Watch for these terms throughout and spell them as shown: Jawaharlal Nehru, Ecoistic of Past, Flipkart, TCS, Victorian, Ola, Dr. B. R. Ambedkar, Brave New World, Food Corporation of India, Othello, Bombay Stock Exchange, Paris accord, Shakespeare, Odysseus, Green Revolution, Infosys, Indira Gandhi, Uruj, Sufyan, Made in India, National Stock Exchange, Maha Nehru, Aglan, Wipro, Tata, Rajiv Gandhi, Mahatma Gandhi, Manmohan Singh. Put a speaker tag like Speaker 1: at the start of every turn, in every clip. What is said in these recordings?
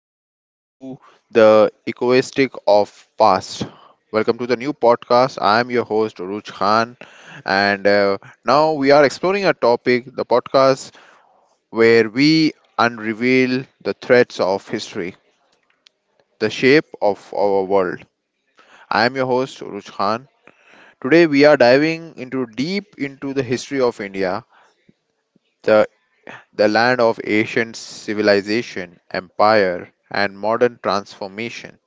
Speaker 1: welcome to the Ecoistic of Past. Welcome to the new podcast. I am your host Ruj Khan, and now we are exploring a topic, the podcast where we unreveal the threads of history, the shape of our world. I am your host Ruj Khan. Today we are diving into deep into the history of India, the the land of ancient civilization, empire, and modern transformation.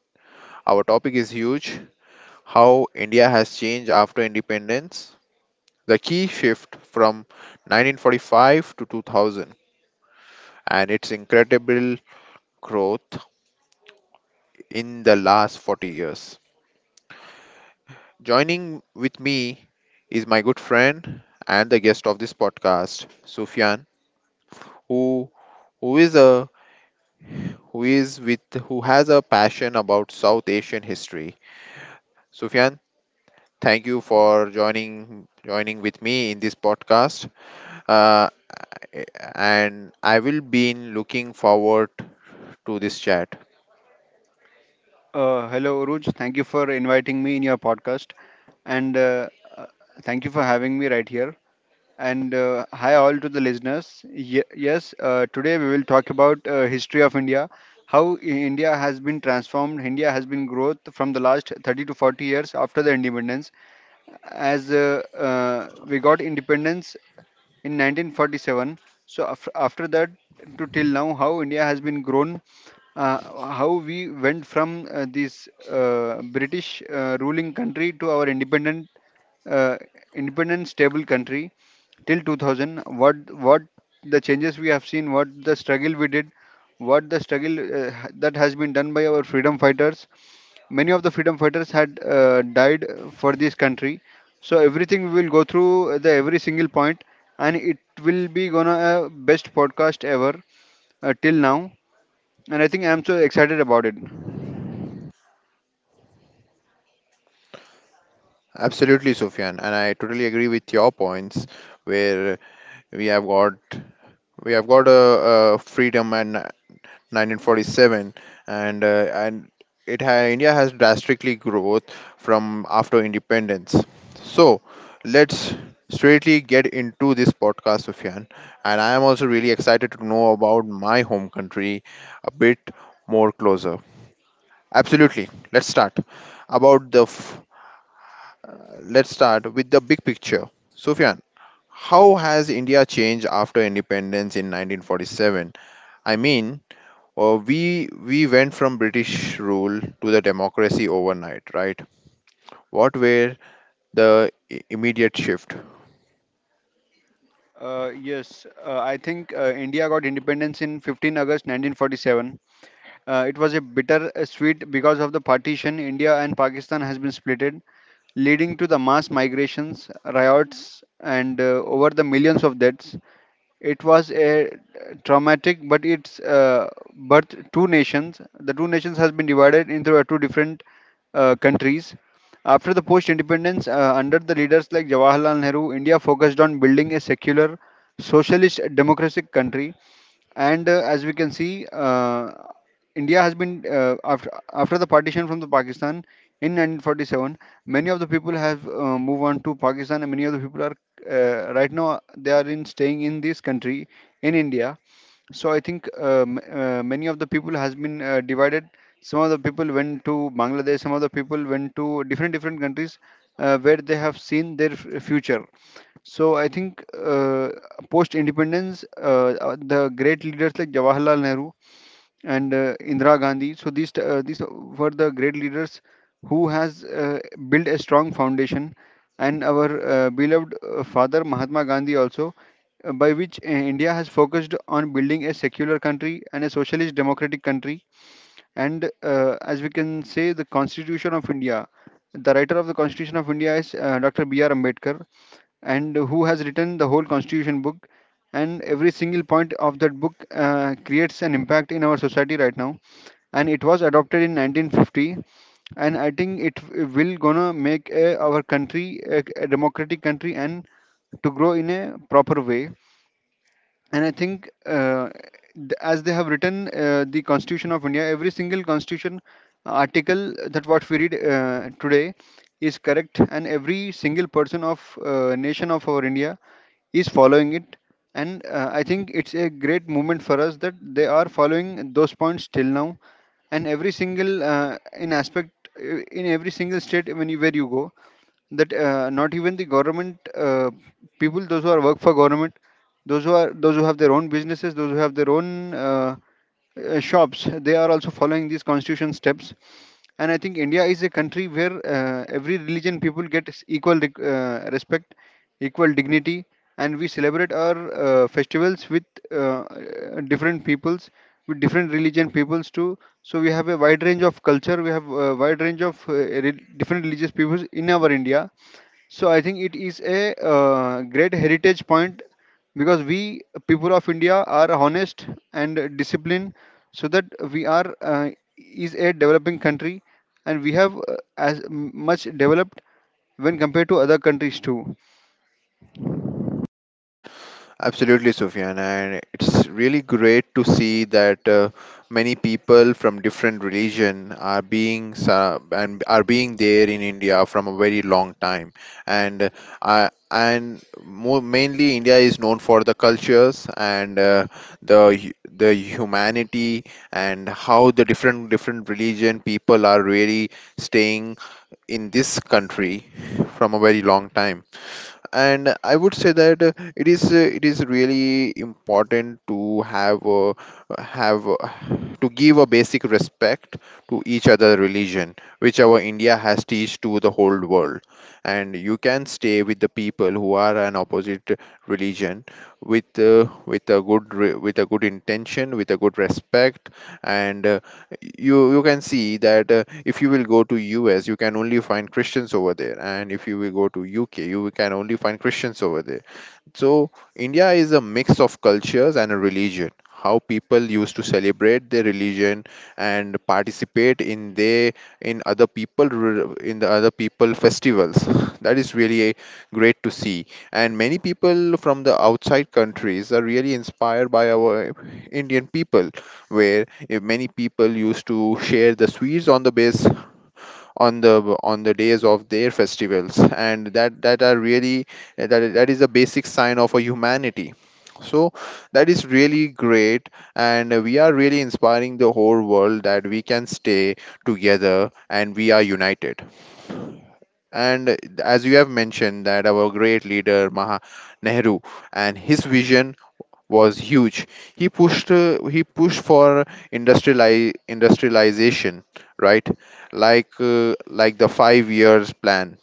Speaker 1: Our topic is huge: how India has changed after independence, the key shift from 1945 to 2000, and its incredible growth in the last 40 years. Joining with me is my good friend and the guest of this podcast, Sufyan, who who is a who is with who has a passion about South Asian history. Sufyan, thank you for joining with me in this podcast. Uh, eh, and I will be in looking forward to this chat.
Speaker 2: Hello, Uruj. Thank you for inviting me in your podcast, and uh, thank you for having me right here. And hi all to the listeners. Yes, today we will talk about history of India, how India has been transformed. India has been growth from the last 30 to 40 years after the independence, as we got independence in 1947. So after that to till now, how India has been grown, uh, how we went from this British ruling country to our uh, independent stable country till 2000. What the changes we have seen, what the struggle we did, what the struggle that has been done by our freedom fighters. Many of the freedom fighters had died for this country. So everything we will go through the every single point, and it will be gonna best podcast ever till now, and I think I'm so excited about it.
Speaker 1: Absolutely, Sufyan, and I totally agree with your points. Where we have got we have got a freedom and 1947, and India has drastically growth from after independence. So let's straightly get into this podcast, Sufyan, and I am also really excited to know about my home country a bit more closer. Absolutely. About the f- let's start with the big picture. Sufyan, how has India changed after independence in 1947? I mean, we went from British rule to the democracy overnight, right? What were the immediate shift?
Speaker 2: Yes, I think India got independence in 15 August 1947. It was a bitter sweet because of the partition. India and Pakistan has been splitted, leading to the mass migrations, riots, and over the millions of deaths. It was a traumatic, but it's birth two nations. The two nations has been divided into two different countries after the post independence under the leaders like Jawaharlal Nehru. India focused on building a secular socialist democratic country, and as we can see, India has been after the partition from the Pakistan in 1947. Many of the people have moved on to Pakistan, and many of the people are right now they are in staying in this country in India. So I think many of the people has been divided. Some of the people went to Bangladesh. Some of the people went to different different countries where they have seen their future. So I think post independence, the great leaders like Jawaharlal Nehru and Indira Gandhi. So these were the great leaders who has built a strong foundation, and our beloved father Mahatma Gandhi also, by which India has focused on building a secular country and a socialist democratic country. And as we can say, the Constitution of India, the writer of the Constitution of India is Dr. B. R. Ambedkar, and who has written the whole constitution book, and every single point of that book creates an impact in our society right now, and it was adopted in 1950. And I think will gonna make our country a democratic country and to grow in a proper way. And I think as they have written the Constitution of India, every single constitution article that what we read today is correct, and every single person of nation of our India is following it. And I think it's a great movement for us that they are following those points till now, and every single in aspect, in every single state when where you go, that not even the government, people those who are work for government, those who are those who have their own businesses, those who have their own shops, they are also following these constitution steps. And I think India is a country where every religion people get equal respect, equal dignity. And we celebrate our festivals with uh, different peoples, with different religion peoples too. So we have a wide range of culture, we have a wide range of different religious peoples in our India. So I think it is a great heritage point, because we people of India are honest and disciplined, so that we are is a developing country, and we have much developed when compared to other countries too.
Speaker 1: Absolutely, Sufyan, and it's really great to see that many people from different religion are being there in India from a very long time, and and more mainly India is known for the cultures and the humanity, and how the different religion people are really staying in this country from a very long time. And I would say that it is really important to have to give a basic respect to each other religion, which our India has teach to the whole world. And you can stay with the people who are an opposite religion with with a good intention, with a good respect. And you can see that if you will go to US you can only find Christians over there, and if you will go to UK you can only find Christians over there. So, India is a mix of cultures and a religion. How people used to celebrate their religion and participate in their in the other people festivals. That is really great to see. And many people from the outside countries are really inspired by our Indian people, where many people used to share the sweets on the days of their festivals, and that that are really that, that is a basic sign of a humanity. So that is really great, and we are really inspiring the whole world that we can stay together and we are united. And as you have mentioned, that our great leader Maha Nehru, and his vision was huge. He pushed, for industrialization, right? Like the 5 years plan.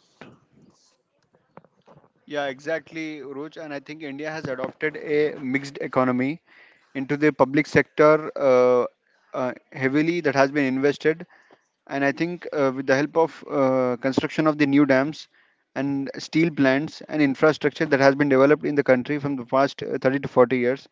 Speaker 2: Yeah, exactly, Uruj. And I think India has adopted a mixed economy into the public sector heavily that has been invested. And I think with the help of construction of the new dams and steel plants and infrastructure that has been developed in the country from the past 30 to 40 years.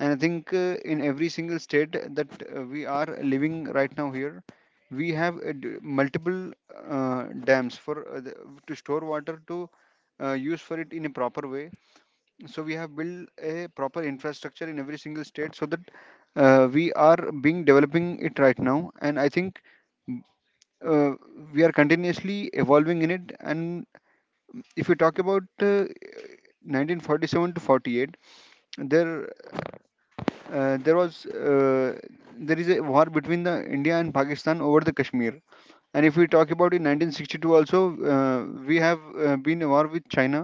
Speaker 2: And I think in every single state that we are living right now here, we have multiple dams for to store water to use for it in a proper way. So we have built a proper infrastructure in every single state so that we are being developing it right now. And I think uh, we are continuously evolving in it. And if you talk about 1947 to 48, there uh, there was uh, there is a war between the India and Pakistan over the Kashmir. And if we talk about in 1962 also, we have been a war with China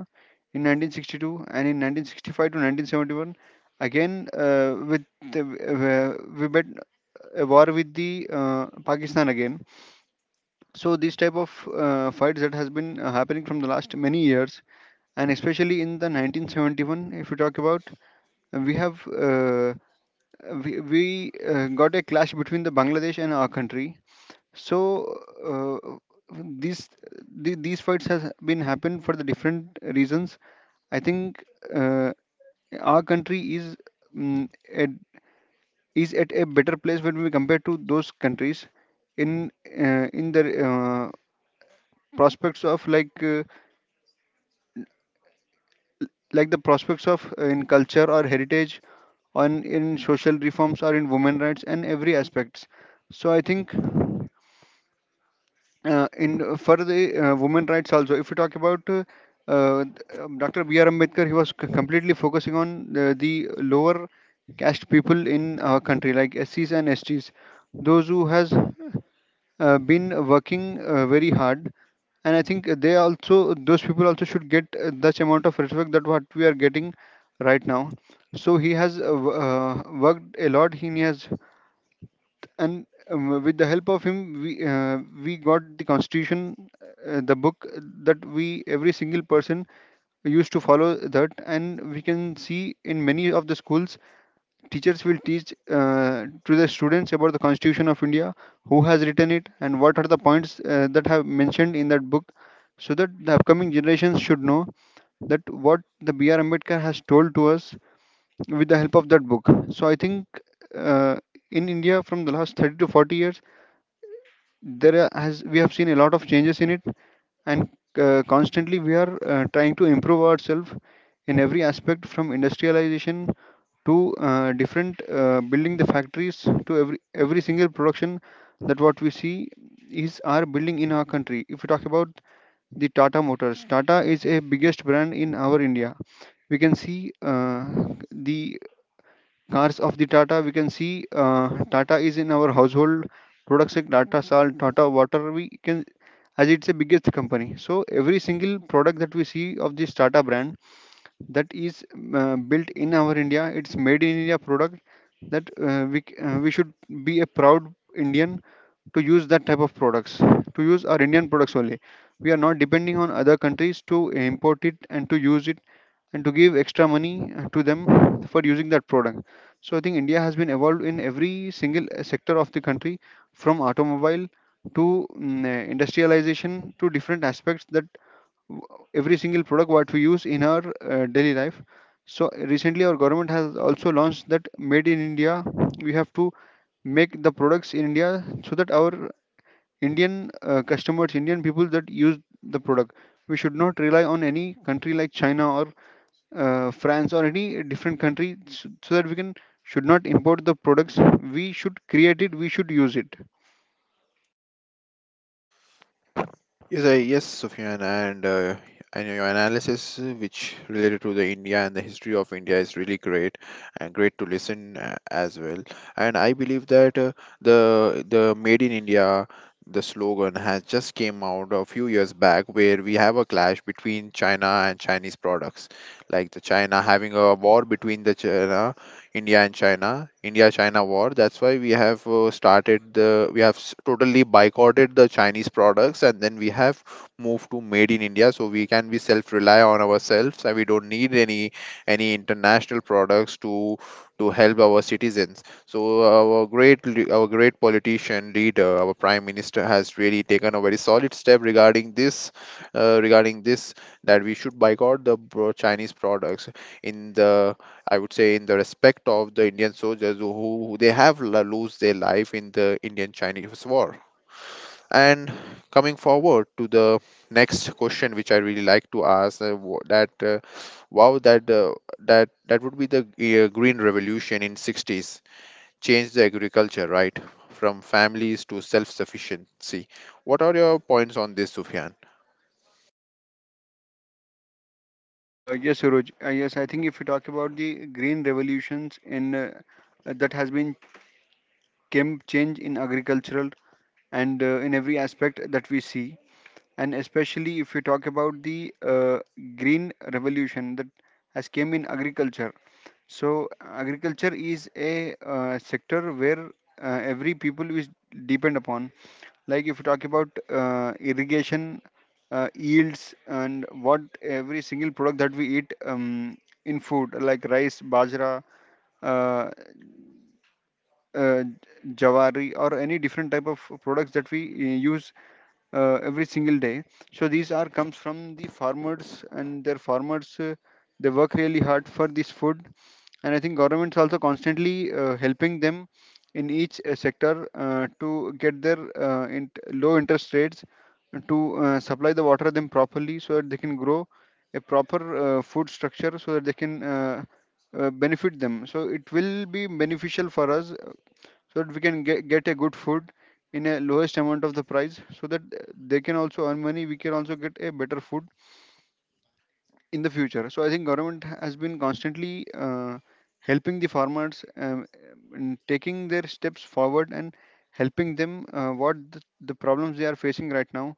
Speaker 2: in 1962 and in 1965 to 1971. Again, we bet a war with the Pakistan again. So these type of fights that has been happening from the last many years, and especially in the 1971 if you talk about, we have we got a clash between the Bangladesh and our country. So uh, these these fights has been happened for the different reasons. I think uh, our country is, mm, at, is at a better place when we compare to those countries in in the uh, prospects of like the prospects of in culture or heritage, on in social reforms or in women rights and every aspects. So I think in for the women rights also if you talk about, uh, Dr. B. R. Ambedkar, he was completely focusing on the lower caste people in our country like SCs and STs, those who has been working very hard. And I think they also, those people also should get that amount of respect that what we are getting right now. So he has worked a lot, he has. And with the help of him we got the constitution, the book, that we every single person used to follow that. And we can see in many of the schools, teachers will teach to the students about the Constitution of India, who has written it and what are the points that have mentioned in that book, so that the upcoming generations should know that what the br ambedkar has told to us with the help of that book. So I think uh, in India from the last 30 to 40 years, there are- has we have seen a lot of changes in it. And constantly we are trying to improve ourselves in every aspect, from industrialization to different building the factories, to every single production that what we see is our building in our country. If we talk about the Tata Motors, Tata is a biggest brand in our India. We can see the cars of the Tata, we can see Tata is in our household products like Tata Salt, Tata Water. We can, as it's a biggest company, so every single product that we see of this Tata brand that is built in our India. It's made in India product that we should be a proud Indian to use that type of products, to use our Indian products only. We are not depending on other countries to import it and to use it and to give extra money to them for using that product. So I think India has been evolved in every single sector of the country, from automobile to industrialization to different aspects that w- every single product what we use in our daily life. So recently our government has also launched that made in India, we have to make the products in India, so that our Indian customers, Indian people that use the product, we should not rely on any country like China or France or any different country, so, so that we can should not import the products, we should create it, we should use it.
Speaker 1: Yes, yes, Sufyan, and I know your analysis, which related to the India and the history of India, is really great and great to listen, as well. And I believe that the Made in India, the slogan has just came out a few years back, where we have a clash between China and Chinese products, like the China having a war between the China India and China, India-China war. That's why we have started the, we have s- totally boycotted the Chinese products, and then we have moved to Made in India. So we can be self-rely on ourselves, and we don't need any international products to help our citizens. So our great politician leader, our prime minister, has really taken a very solid step regarding this, that we should boycott the Chinese products, in the I would say, in the respect of the Indian soldiers who they have lose their life in the Indian Chinese war. And coming forward to the next question, which I really like to ask, wow, that uh, that would be the Green Revolution in 60s changed the agriculture, right, from families to self-sufficiency. What are your points on this, Sufyan?
Speaker 2: Yes, Suraj. Yes, I think if we talk about the green revolutions in that has been came change in agricultural and in every aspect that we see. And especially if you talk about the green revolution that has came in agriculture. So agriculture is a sector where every people is depend upon. Like if you talk about irrigation, yields and what every single product that we eat, in food like rice, bajra, uh, uh, jawari, or any different type of products that we use every single day. So these are comes from the farmers, and their farmers they work really hard for this food. And I think government's also constantly helping them in each sector, to get their int low interest rates, to supply the water them properly so that they can grow a proper food structure so that they can benefit them, so it will be beneficial for us so that we can get a good food in a lowest amount of the price so that they can also earn money, we can also get a better food in the future. So I think government has been constantly helping the farmers, in taking their steps forward and helping them what the problems they are facing right now,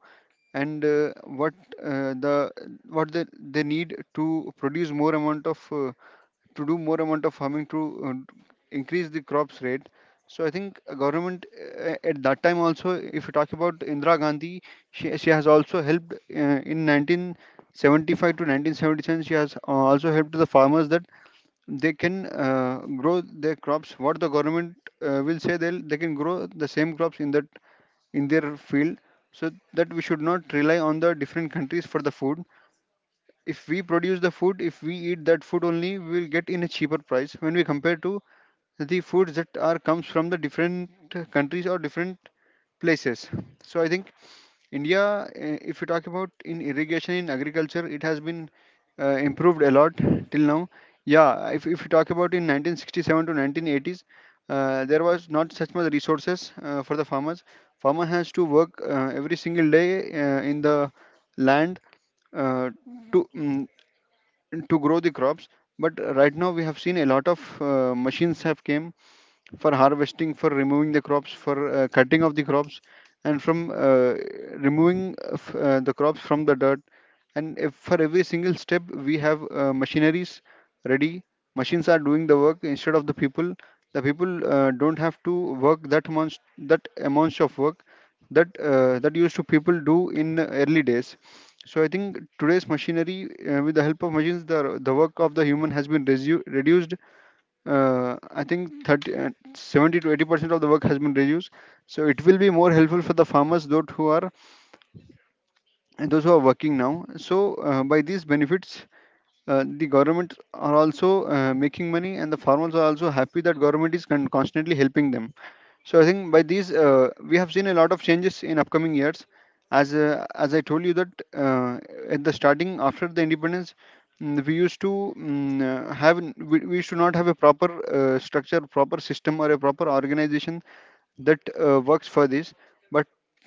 Speaker 2: and what the, what they need to produce more amount of, to do more amount of farming to increase the crops rate. So I think government at that time, also, if you talk about Indira Gandhi, she has also helped in 1975 to 1977. She has also helped the farmers that they can grow their crops. What the government will say, they can grow the same crops in that, in their field. So that we should not rely on the different countries for the food. If we produce the food, if we eat that food only, we will get in a cheaper price when we compare to the foods that are comes from the different countries or different places. So I think India, eh, if you talk about in irrigation, in agriculture, it has been improved a lot till now. Yeah, if you talk about in 1967 to 1980s, there was not such much resources for the farmers. Farmer has to work every single day in the land, uh, to to grow the crops. But right now we have seen a lot of machines have came for harvesting, for removing the crops, for cutting of the crops, and from removing of, the crops from the dirt. And if for every single step we have machineries ready, machines are doing the work instead of the people. The people don't have to work that much, that amounts of work that that used to people do in early days. So I think today's machinery, with the help of machines, the work of the human has been reduced. I think 30, 70 to 80% of the work has been reduced. So it will be more helpful for the farmers, those who are and those who are working now. So by these benefits, the government are also making money, and the farmers are also happy that government is constantly helping them. So I think by these, we have seen a lot of changes in upcoming years. As I told you that at the starting, after the independence, we used to we used to not have a proper structure, proper system, or a proper organization that works for this. But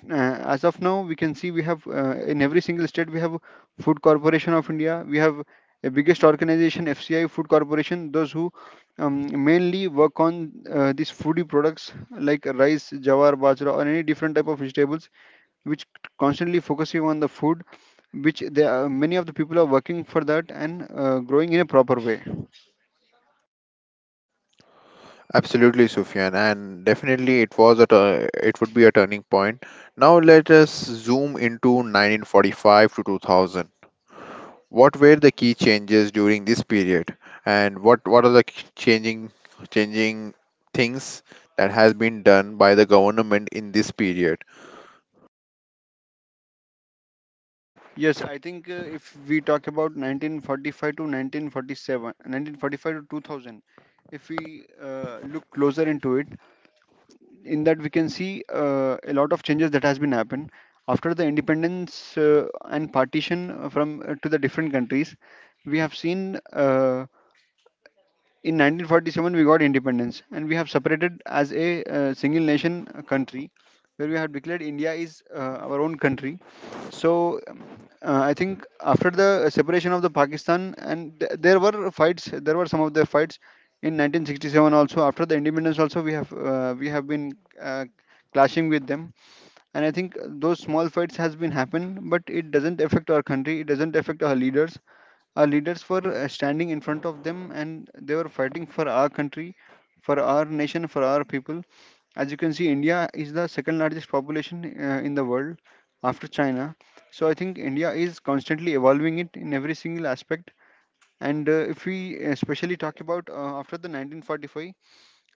Speaker 2: as of now we can see we have, in every single state we have Food Corporation of India. We have a biggest organization, FCI, Food Corporation, those who mainly work on these foodie products like rice, jawar, bajra, or any different type of vegetables which constantly focusing on the food, which they are, many of the people are working for that and growing in a proper way.
Speaker 1: Absolutely, Sufyan, and definitely it would be a turning point. Now let us zoom into 1945 to 2000. What were the key changes during this period, and what are the changing things that has been done by the government in this period?
Speaker 2: Yes, I think if we talk about 1945 to 1947, 1945 to 2000, if we look closer into it, in that we can see a lot of changes that has been happened after the independence and partition from to the different countries. We have seen. In 1947 we got independence and we have separated as a single nation, country where we have declared India is our own country. So um, I think after the separation of the Pakistan, and there were fights, there were some of the fights in 1967 also. After the independence also, we have been uh, clashing with them. And I think those small fights has been happen, but it doesn't affect our country, it doesn't affect our leaders. Our leaders were standing in front of them and they were fighting for our country, for our nation, for our people. As you can see, India is the second largest population in the world, after China. So I think India is constantly evolving it in every single aspect. And if we especially talk about after the 1945,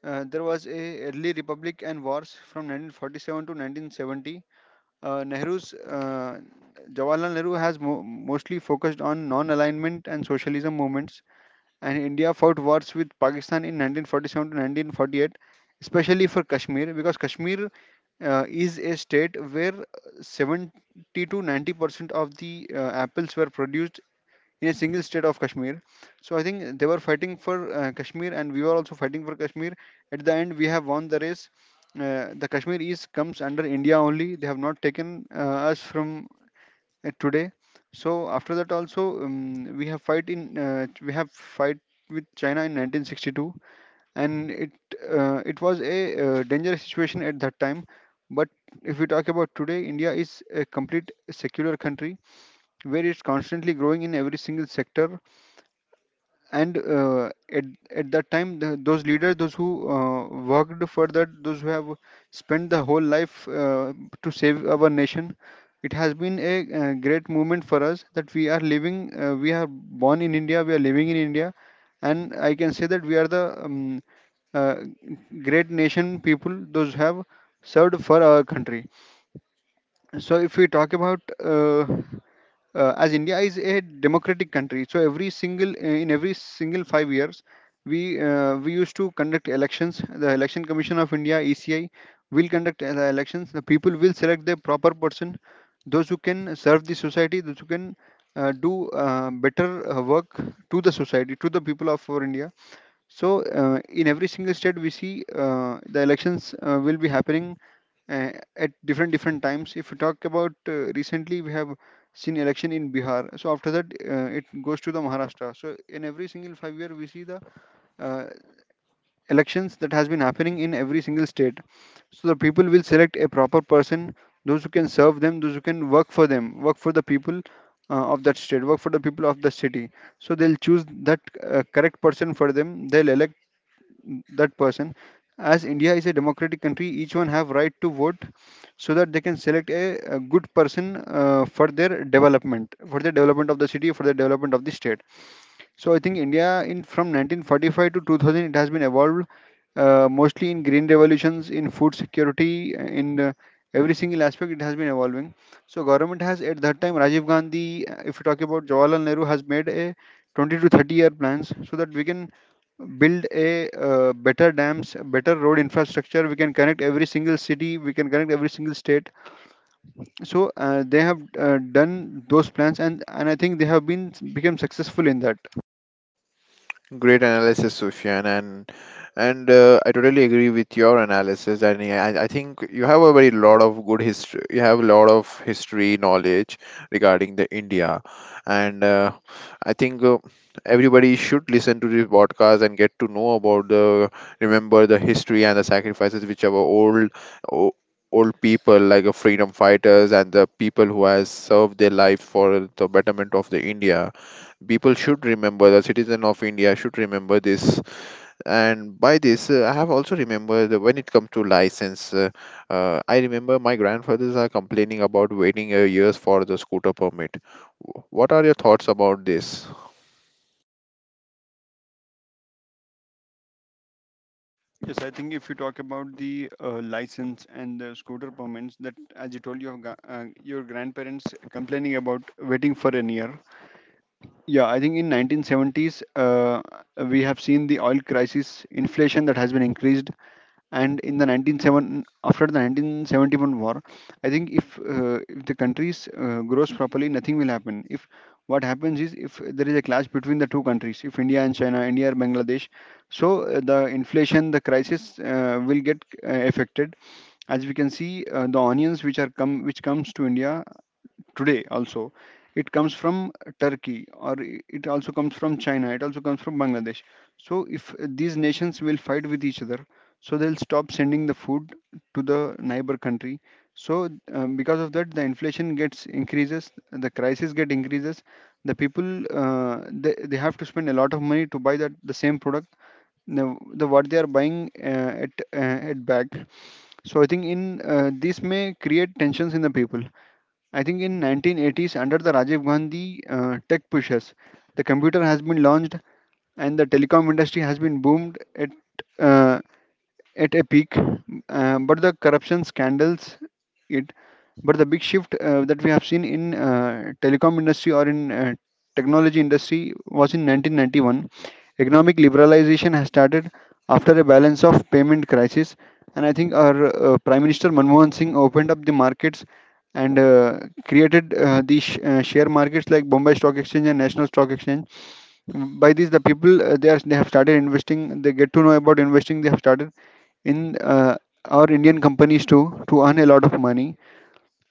Speaker 2: there was a early republic and wars from 1947 to 1970. Nehru's Jawaharlal Nehru has mostly focused on non-alignment and socialism movements, and India fought wars with Pakistan in 1947 to 1948, especially for Kashmir, because Kashmir is a state where 70 to 90% of the apples were produced in a single state of Kashmir. So I think they were fighting for Kashmir, and we were also fighting for Kashmir. At the end, we have won the race. The Kashmir East comes under India only. They have not taken us from today. So after that also, we have fight in, we have fight with China in 1962, and it it was a dangerous situation at that time. But if we talk about today, India is a complete secular country where it's constantly growing in every single sector. And at that time the, those leaders, those who worked for that, those who have spent the whole life to save our nation, it has been a great movement for us that we are living, we are born in India, we are living in India. And I can say that we are the uh, great nation people, those who have served for our country. So if we talk about as India is a democratic country, so every single in every single 5 years, we used to conduct elections. The Election Commission of India (ECI) will conduct the elections. The people will select the proper person, those who can serve the society, those who can do better work to the society, to the people of our India. So, in every single state, we see the elections will be happening uh, at different different times. If we talk about recently, we have seen election in Bihar. So after that, it goes to the Maharashtra. So in every single 5 year, we see the uh, elections that has been happening in every single state. So the people will select a proper person, those who can serve them, those who can work for them, work for the people of that state, work for the people of the city. So they'll choose that correct person for them. They'll elect that person. As India is a democratic country, each one have right to vote, so that they can select a good person for their development, for the development of the city, for the development of the state. So I think India in, from 1945 to 2000, it has been evolved mostly in green revolutions, in food security, in every single aspect it has been evolving. So government has, at that time, Rajiv Gandhi, if you talk about Jawaharlal Nehru, has made a 20 to 30 year plans so that we can build a better dams, better road infrastructure. We can connect every single city, we can connect every single state. So they have done those plans, and I think they have been become successful in that.
Speaker 1: Great analysis, Sufyan, and I totally agree with your analysis. And yeah, I think you have a very lot of good history. You have a lot of history knowledge regarding the India, and I think everybody should listen to this podcast and get to know about the remember the history, and the sacrifices which our old o- old people like freedom fighters, and the people who has served their life for the betterment of the India. People should remember. The citizen of India should remember this. And by this, I have also remembered that when it comes to license, I remember my grandfathers are complaining about waiting years for the scooter permit. What are your thoughts about this?
Speaker 2: Yes, I think if you talk about the license and the scooter permits, that as you told, your your grandparents complaining about waiting for a year. Yeah, I think in 1970s we have seen the oil crisis, inflation that has been increased, and in the 197 after the 1971 war. I think if the countries grows properly, nothing will happen. If what happens is if there is a clash between the two countries, if India and China, India or Bangladesh, so the inflation, the crisis will get affected. As we can see, the onions which are come which comes to India today, also it comes from Turkey, or it also comes from China, it also comes from Bangladesh. So if these nations will fight with each other, so they'll stop sending the food to the neighbor country. So because of that, the inflation gets increases, the crisis get increases, the people they have to spend a lot of money to buy that the same product, the what they are buying at back. So I think in this may create tensions in the people. I think in 1980s, under the Rajiv Gandhi tech pushes, the computer has been launched and the telecom industry has been boomed. It uh, at a peak, but the corruption scandals it. But the big shift that we have seen in telecom industry or in technology industry was in 1991. Economic liberalization has started after a balance of payment crisis, and I think our Prime Minister Manmohan Singh opened up the markets and created share markets like Bombay Stock Exchange and National Stock Exchange. Mm, by these the people they have started investing, they get to know about investing, they have started in our Indian companies too, to earn a lot of money.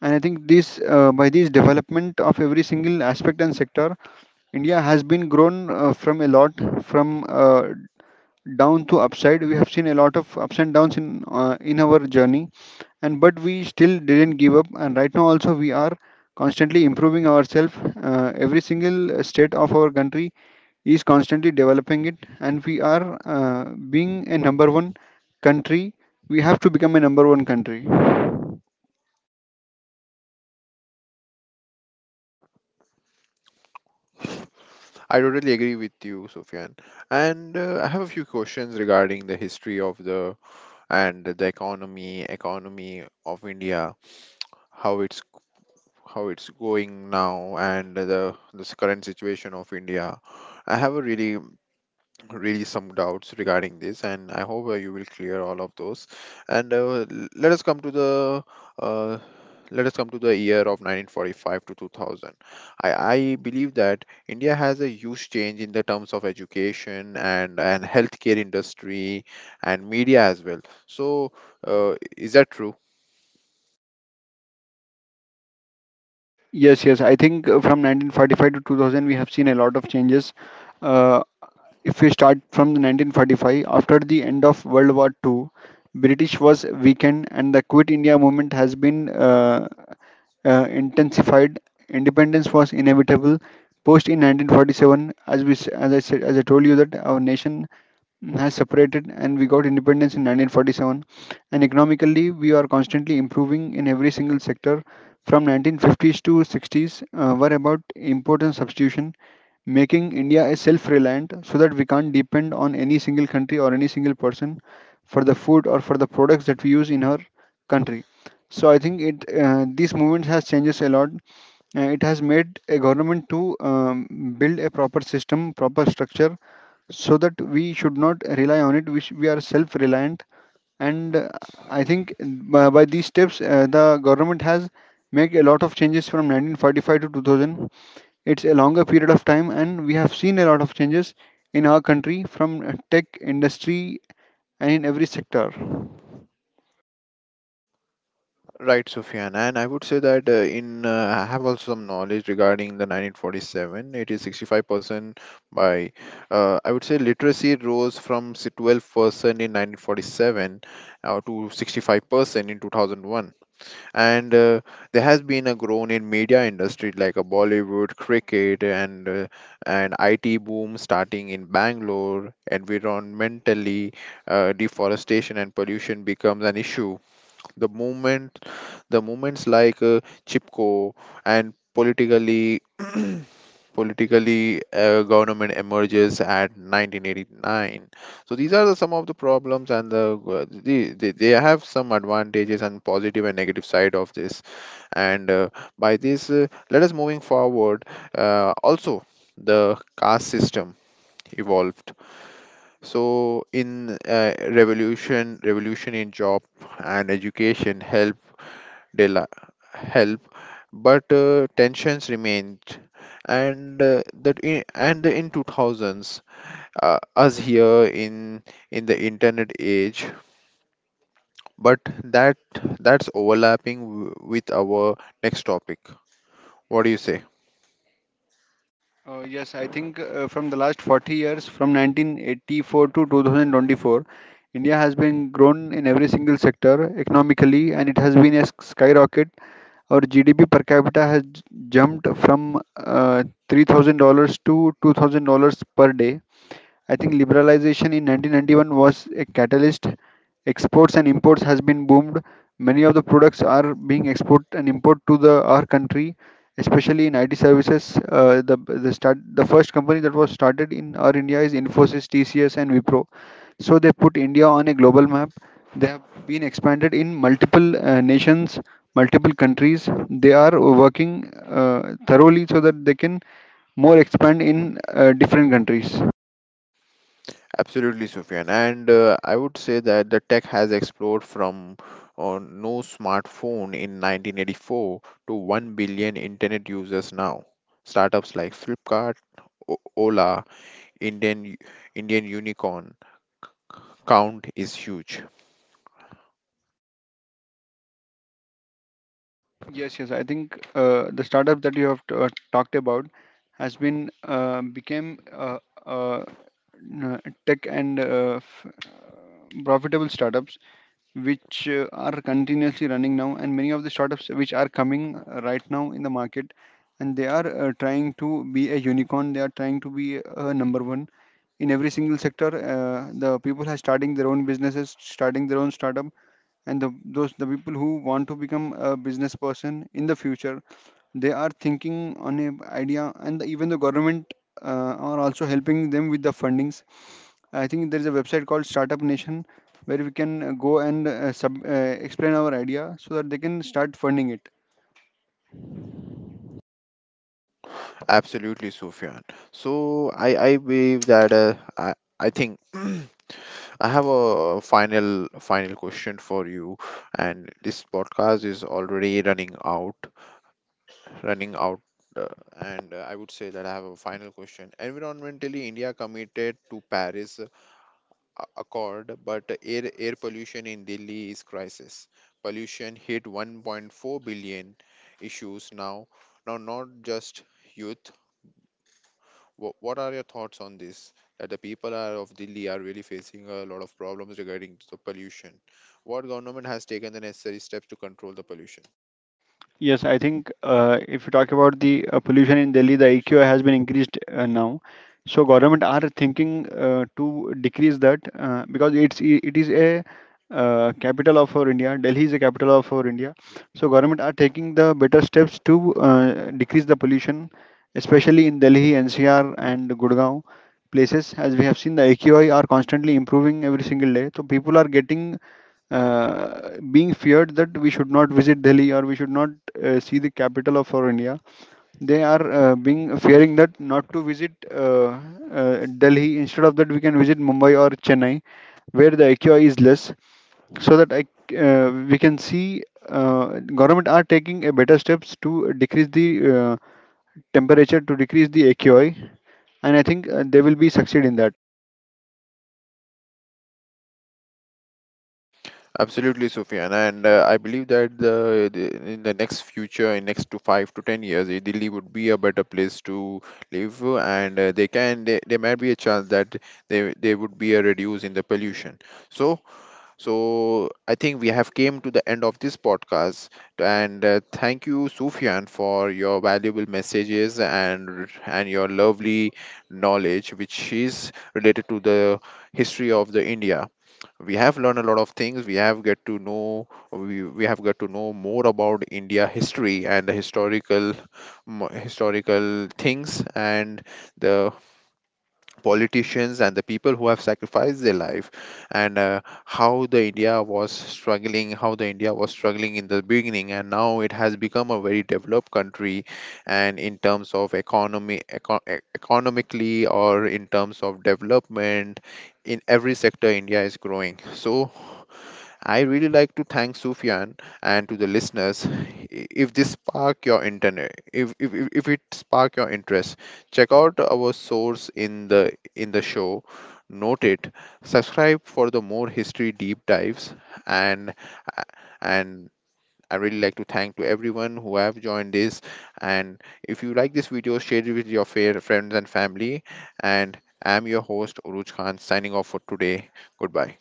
Speaker 2: And I think this by this development of every single aspect and sector, India has been grown from a lot, from down to upside. We have seen a lot of ups and downs in in our journey, and but we still didn't give up, and right now also we are constantly improving ourselves. Every single state of our country is constantly developing it, and we are being a number one country. We have to become a number one country.
Speaker 1: I totally agree with you, Sufyan. And I have a few questions regarding the history of the economy of India, how it's how it's going now, and the this current situation of India. I have a really really some doubts regarding this, and I hope you will clear all of those. And uh, let us come to the year of 1945 to 2000. I believe that India has a huge change in the terms of education and healthcare industry and media as well. So is that true?
Speaker 2: Yes, yes. I think from 1945 to 2000, we have seen a lot of changes. Uh, if we start from the 1945, after the end of World War II, British was weakened and the Quit India movement has been intensified. Independence was inevitable. Post in 1947, as as I said, as I told you that our nation has separated, and we got independence in 1947, and economically we are constantly improving in every single sector. From 1950s to 60s were about import and substitution, making India a self reliant, so that we can't depend on any single country or any single person for the food or for the products that we use in our country. So I think it this movement has changes a lot. It has made a government to build a proper system, proper structure, so that we should not rely on it. We are self reliant, and I think by these steps, the government has made a lot of changes from 1945 to 2000. It's a longer period of time, and we have seen a lot of changes in our country, from tech industry and in every sector.
Speaker 1: Right, Sufyan, and I would say that in I have also some knowledge regarding the 1947. It is 65%. By, I would say literacy rose from 12% in 1947, to 65% in 2001. And there has been a grown in media industry like a Bollywood, cricket, and and IT boom starting in Bangalore. Environmentally, deforestation and pollution becomes an issue, the movement the movements like chipko, and politically politically, government emerges at 1989. So these are some of the problems, and they have some advantages and positive and negative side of this. And by this, let us moving forward. Also, the caste system evolved. So in revolution in job and education helped, rela- help, but tensions remained. And in 2000s, us here in the internet age, but that's overlapping with our next topic. What do you say?
Speaker 2: Yes, I think from the last 40 years, from 1984 to 2024, India has been grown in every single sector economically, and it has been a skyrocket. Our GDP per capita has jumped from $3,000 to $2,000 per day. I think liberalization in 1991 was a catalyst. Exports and imports has been boomed. Many of the products are being export and import to the our country, especially in IT services. The first company that was started in our India is Infosys, TCS, and Wipro. So they put India on a global map. They have been expanded in multiple nations, multiple countries. They are working thoroughly so that they can more expand in different countries.
Speaker 1: Absolutely, Sufyan. And I would say that the tech has explored from no smartphone in 1984 to 1 billion internet users now. Startups like Flipkart, Ola, Indian Indian unicorn count is huge.
Speaker 2: Yes, yes. I think the startup that you have talked about has uh, n- tech and profitable startups, which are continuously running now, and many of the startups which are coming right now in the market, and they are trying to be a unicorn. They are trying to be a number one in every single sector. The people are starting their own businesses, starting their own startup, and those the people who want to become a business person in the future, they are thinking on a idea. And even the government are also helping them with the fundings. I think there is a website called Startup Nation, where we can go and explain our idea so that they can start funding it.
Speaker 1: Absolutely, Sufyan. So I believe that I think I have a final question for you, and this podcast is already running out. Uh, and I would say that I have a final question. Environmentally, India committed to Paris accord, but air pollution in Delhi is crisis. Pollution hit 1.4 billion issues now. Now, not just youth. What are your thoughts on this? That the people are of Delhi are really facing a lot of problems regarding the pollution. What government has taken the necessary steps to control the pollution?
Speaker 2: Yes, I think if you talk about the pollution in Delhi, the AQI has been increased now. So government are thinking to decrease that because it is a capital of our India. Delhi is the capital of our India. So government are taking the better steps to decrease the pollution, especially in Delhi, NCR, and Gurgaon places. As we have seen, the AQI are constantly improving every single day. So people are getting being feared that we should not visit Delhi, or we should not see the capital of our India. They are being fearing that not to visit Delhi. Instead of that, we can visit Mumbai or Chennai, where the AQI is less, so that we can see government are taking a better steps to decrease the temperature, to decrease the AQI, and I think they will be succeed in that.
Speaker 1: Absolutely, Sufyan, and I believe that the in the next future, in next to 5 to 10 years, Delhi would be a better place to live, and they can, there might be a chance that they would be a reduce in the pollution. So I think we have came to the end of this podcast. And thank you, Sufyan, for your valuable messages, and your lovely knowledge, which is related to the history of the India. We have learned a lot of things. We have got to know more about India history, and the historical things, and the politicians, and the people who have sacrificed their life. And how the India was struggling, in the beginning. And now it has become a very developed country, and in terms of economy, economically, or in terms of development, in every sector India is growing. So I really like to thank Sufyan and to the listeners. If this spark your internet, if it spark your interest, check out our source in the show. Note it. Subscribe for the more history deep dives. And and I really like to thank to everyone who have joined this. And if you like this video, share it with your fair friends and family. And I'm your host Uruj Khan signing off for today. Goodbye.